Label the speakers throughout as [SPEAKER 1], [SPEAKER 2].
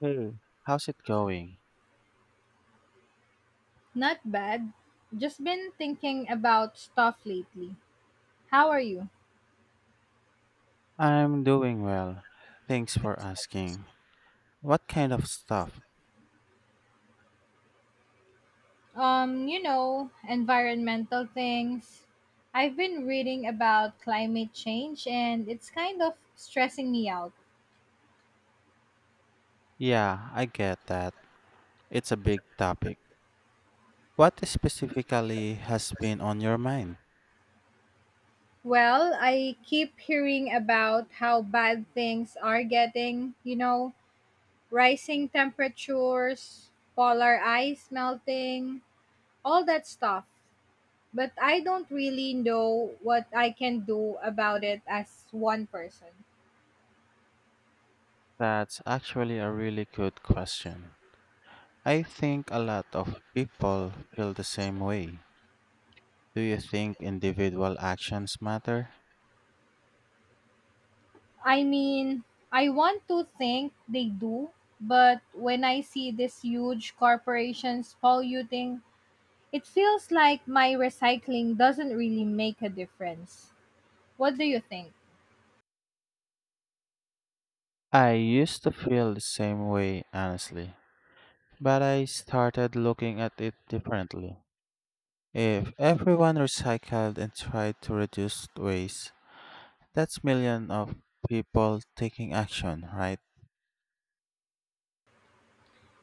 [SPEAKER 1] Hey, how's it going?
[SPEAKER 2] Not bad. Just been thinking about stuff lately. How are you?
[SPEAKER 1] I'm doing well. Thanks for asking. What kind of stuff?
[SPEAKER 2] Environmental things. I've been reading about climate change and it's kind of stressing me out.
[SPEAKER 1] Yeah, I get that. It's a big topic. What specifically has been on your mind?
[SPEAKER 2] Well, I keep hearing about how bad things are getting, rising temperatures, polar ice melting, all that stuff. But I don't really know what I can do about it as one person.
[SPEAKER 1] That's actually a really good question. I think a lot of people feel the same way. Do you think individual actions matter?
[SPEAKER 2] I mean, I want to think they do, but when I see these huge corporations polluting, it feels like my recycling doesn't really make a difference. What do you think?
[SPEAKER 1] I used to feel the same way, honestly, but I started looking at it differently. If everyone recycled and tried to reduce waste, that's millions of people taking action, right?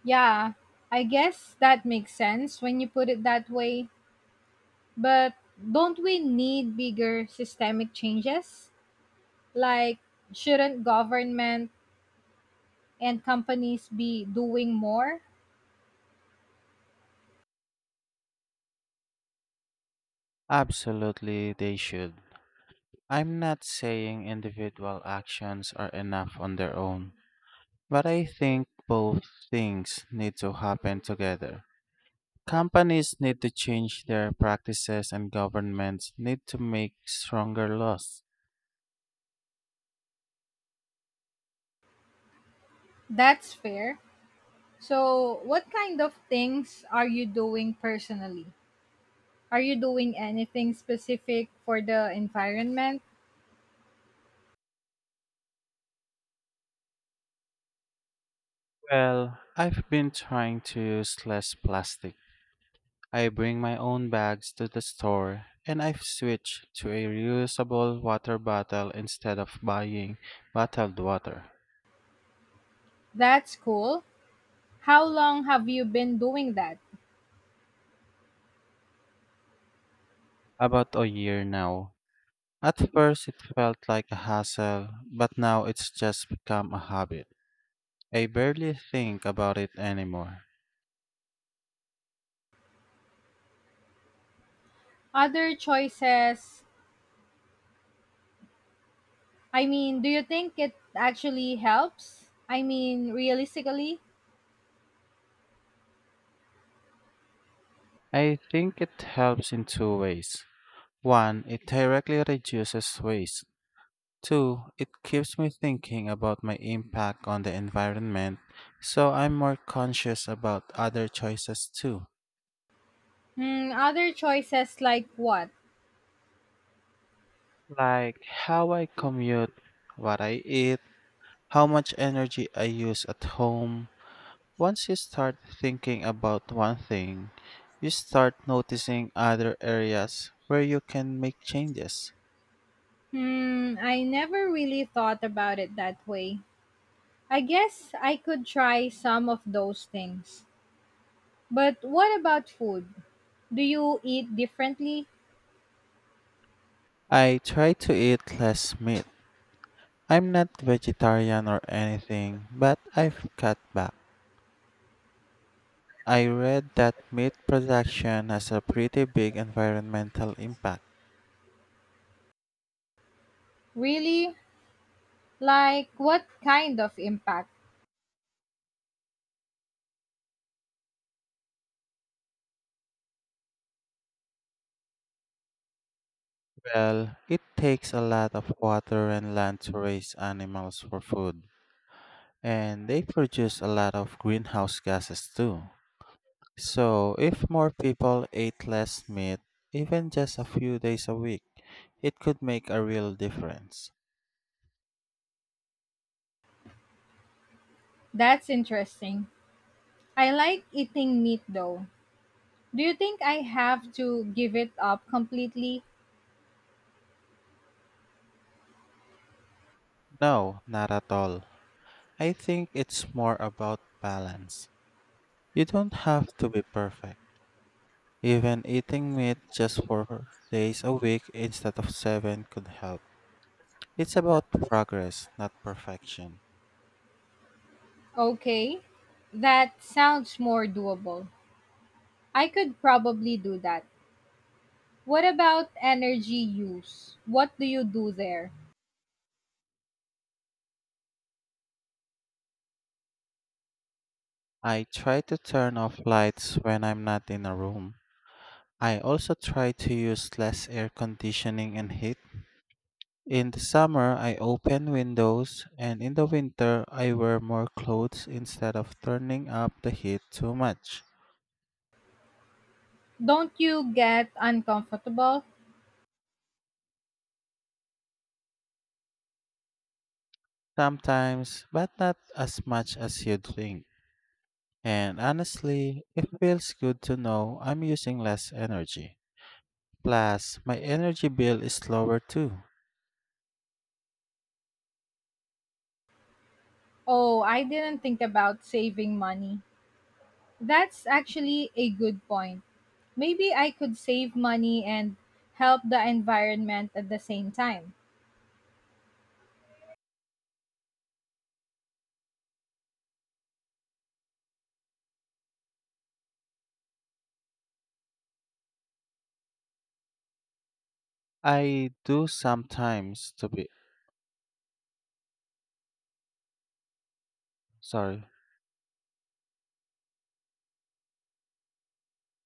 [SPEAKER 2] Yeah, I guess that makes sense when you put it that way, but don't we need bigger systemic changes? Like, shouldn't government and companies be doing more?
[SPEAKER 1] Absolutely, they should. I'm not saying individual actions are enough on their own, but I think both things need to happen together. Companies need to change their practices and governments need to make stronger laws.
[SPEAKER 2] That's fair. So, what kind of things are you doing personally? Are you doing anything specific for the environment?
[SPEAKER 1] Well, I've been trying to use less plastic. I bring my own bags to the store, and I've switched to a reusable water bottle instead of buying bottled water.
[SPEAKER 2] That's cool. How long have you been doing that?
[SPEAKER 1] About a year now. At first, it felt like a hassle, but now it's just become a habit. I barely think about it anymore.
[SPEAKER 2] Other choices, I mean, do you think it actually helps? I mean, realistically?
[SPEAKER 1] I think it helps in two ways. One, it directly reduces waste. Two, it keeps me thinking about my impact on the environment, so I'm more conscious about other choices too,
[SPEAKER 2] Hmm, other choices like what?
[SPEAKER 1] like how I commute, what I eat, how much energy I use at home. Once you start thinking about one thing, you start noticing other areas where you can make changes.
[SPEAKER 2] Hmm, I never really thought about it that way. I guess I could try some of those things. But what about food? Do you eat differently?
[SPEAKER 1] I try to eat less meat. I'm not vegetarian or anything, but I've cut back. I read that meat production has a pretty big environmental impact.
[SPEAKER 2] Really? Like, what kind of impact?
[SPEAKER 1] Well, it takes a lot of water and land to raise animals for food, and they produce a lot of greenhouse gases too. So, if more people ate less meat, even just a few days a week, it could make a real difference.
[SPEAKER 2] That's interesting. I like eating meat though. Do you think I have to give it up completely?
[SPEAKER 1] No, not at all. I think it's more about balance. You don't have to be perfect. Even eating meat just 4 days a week instead of 7 could help. It's about progress, not perfection.
[SPEAKER 2] Okay, that sounds more doable. I could probably do that. What about energy use? What do you do there?
[SPEAKER 1] I try to turn off lights when I'm not in a room. I also try to use less air conditioning and heat. In the summer, I open windows, and in the winter, I wear more clothes instead of turning up the heat too much.
[SPEAKER 2] Don't you get uncomfortable?
[SPEAKER 1] Sometimes, but not as much as you'd think. And honestly, it feels good to know I'm using less energy. Plus, my energy bill is lower too.
[SPEAKER 2] Oh, I didn't think about saving money. That's actually a good point. Maybe I could save money and help the environment at the same time.
[SPEAKER 1] I do sometimes to be sorry.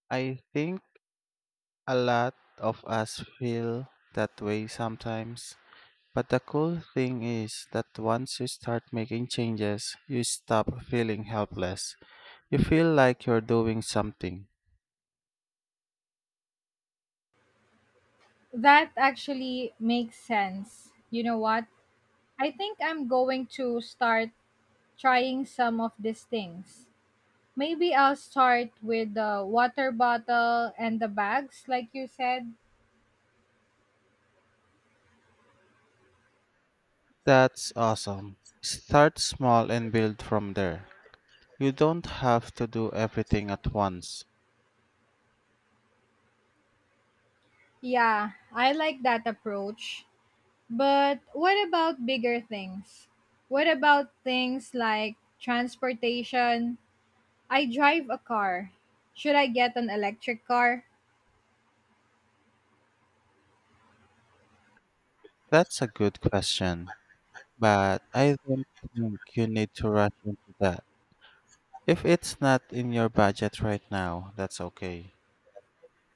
[SPEAKER 1] I think a lot of us feel that way sometimes. But the cool thing is that once you start making changes, you stop feeling helpless. You feel like you're doing something.
[SPEAKER 2] That actually makes sense. You know what? I think I'm going to start trying some of these things. Maybe I'll start with the water bottle and the bags, like you said.
[SPEAKER 1] That's awesome. Start small and build from there. You don't have to do everything at once.
[SPEAKER 2] Yeah, I like that approach. But what about bigger things? What about things like transportation? I drive a car. Should I get an electric car?
[SPEAKER 1] That's a good question, but I don't think you need to rush into that. If it's not in your budget right now, that's okay.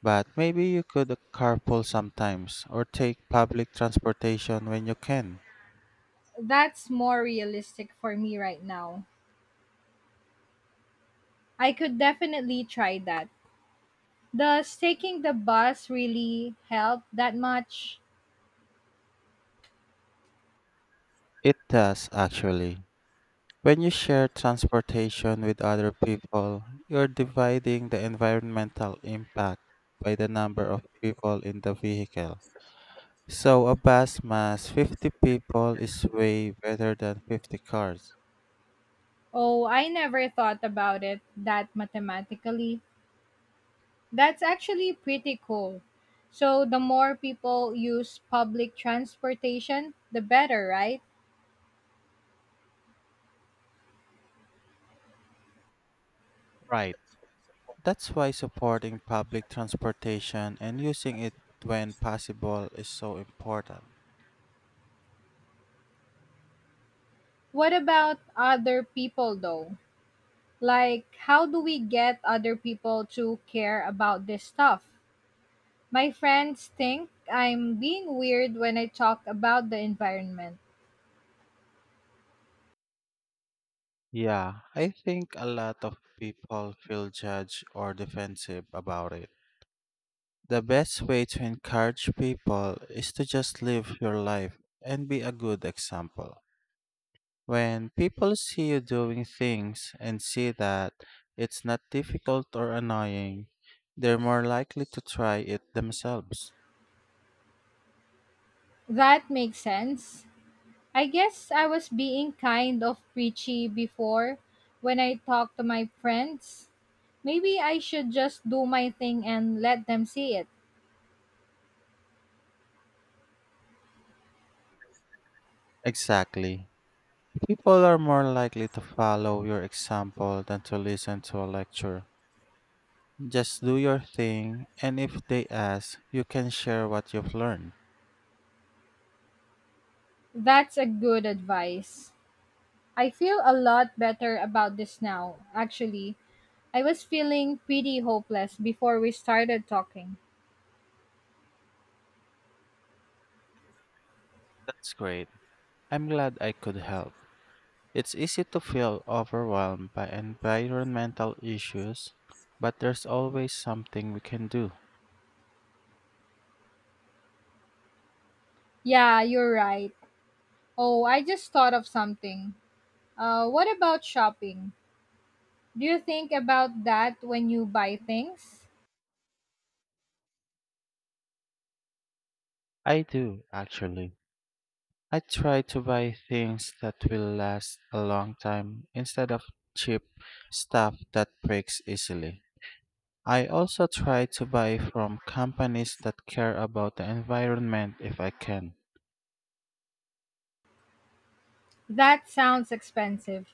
[SPEAKER 1] But maybe you could carpool sometimes or take public transportation when you can.
[SPEAKER 2] That's more realistic for me right now. I could definitely try that. Does taking the bus really help that much?
[SPEAKER 1] It does actually. When you share transportation with other people, you're dividing the environmental impact by the number of people in the vehicle. So a bus mass 50 people is way better than 50 cars.
[SPEAKER 2] Oh, I never thought about it that mathematically. That's actually pretty cool. So, the more people use public transportation, the better, right?
[SPEAKER 1] Right. That's why supporting public transportation and using it when possible is so important.
[SPEAKER 2] What about other people though? Like, how do we get other people to care about this stuff? My friends think I'm being weird when I talk about the environment.
[SPEAKER 1] Yeah. I think a lot of people feel judged or defensive about it. The best way to encourage people is to just live your life and be a good example. When people see you doing things and see that it's not difficult or annoying, they're more likely to try it themselves.
[SPEAKER 2] That makes sense. I guess I was being kind of preachy before when I talk to my friends. Maybe I should just do my thing and let them see it.
[SPEAKER 1] Exactly. People are more likely to follow your example than to listen to a lecture. Just do your thing, and if they ask, you can share what you've learned.
[SPEAKER 2] That's a good advice. I feel a lot better about this now, actually. I was feeling pretty hopeless before we started talking.
[SPEAKER 1] That's great. I'm glad I could help. It's easy to feel overwhelmed by environmental issues, but there's always something we can do.
[SPEAKER 2] Yeah, you're right. Oh, I just thought of something. What about shopping? Do you think about that when you buy things?
[SPEAKER 1] I do, actually. I try to buy things that will last a long time instead of cheap stuff that breaks easily. I also try to buy from companies that care about the environment if I can.
[SPEAKER 2] That sounds expensive.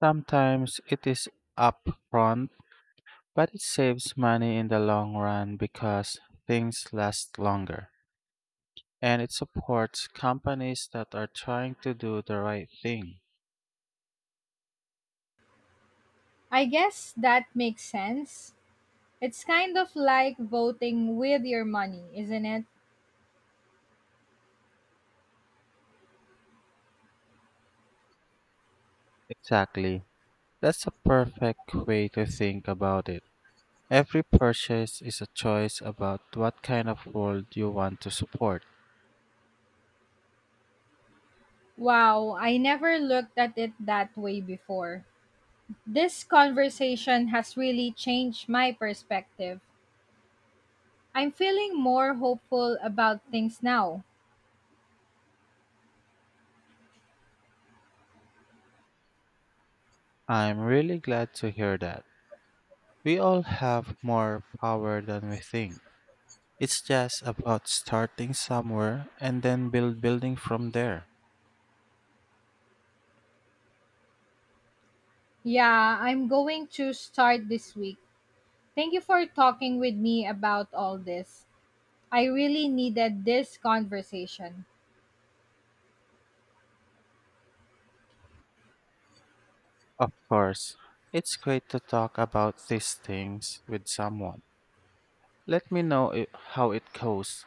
[SPEAKER 1] Sometimes it is upfront, but it saves money in the long run because things last longer. And it supports companies that are trying to do the right thing.
[SPEAKER 2] I guess that makes sense. It's kind of like voting with your money, isn't it?
[SPEAKER 1] Exactly. That's a perfect way to think about it. Every purchase is a choice about what kind of world you want to support.
[SPEAKER 2] Wow, I never looked at it that way before. This conversation has really changed my perspective. I'm feeling more hopeful about things now.
[SPEAKER 1] I'm really glad to hear that. We all have more power than we think. It's just about starting somewhere and then building from there.
[SPEAKER 2] Yeah, I'm going to start this week. Thank you for talking with me about all this. I really needed this conversation.
[SPEAKER 1] Of course, it's great to talk about these things with someone. Let me know how it goes.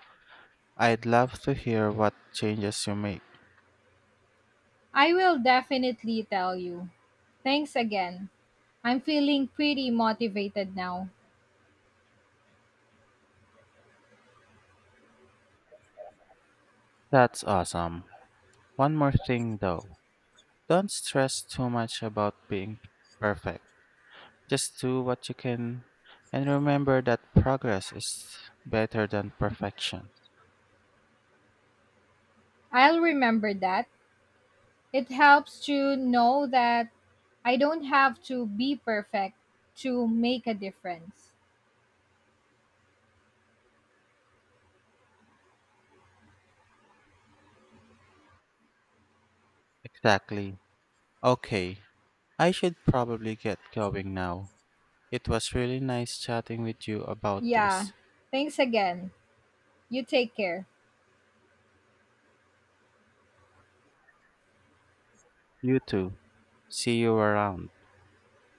[SPEAKER 1] I'd love to hear what changes you make.
[SPEAKER 2] I will definitely tell you. Thanks again. I'm feeling pretty motivated now.
[SPEAKER 1] That's awesome. One more thing though. Don't stress too much about being perfect. Just do what you can and remember that progress is better than perfection.
[SPEAKER 2] I'll remember that. It helps to know that I don't have to be perfect to make a difference.
[SPEAKER 1] Exactly. Okay, I should probably get going now. It was really nice chatting with you about
[SPEAKER 2] Yeah.
[SPEAKER 1] this.
[SPEAKER 2] Thanks again. You take care.
[SPEAKER 1] You too. See you around.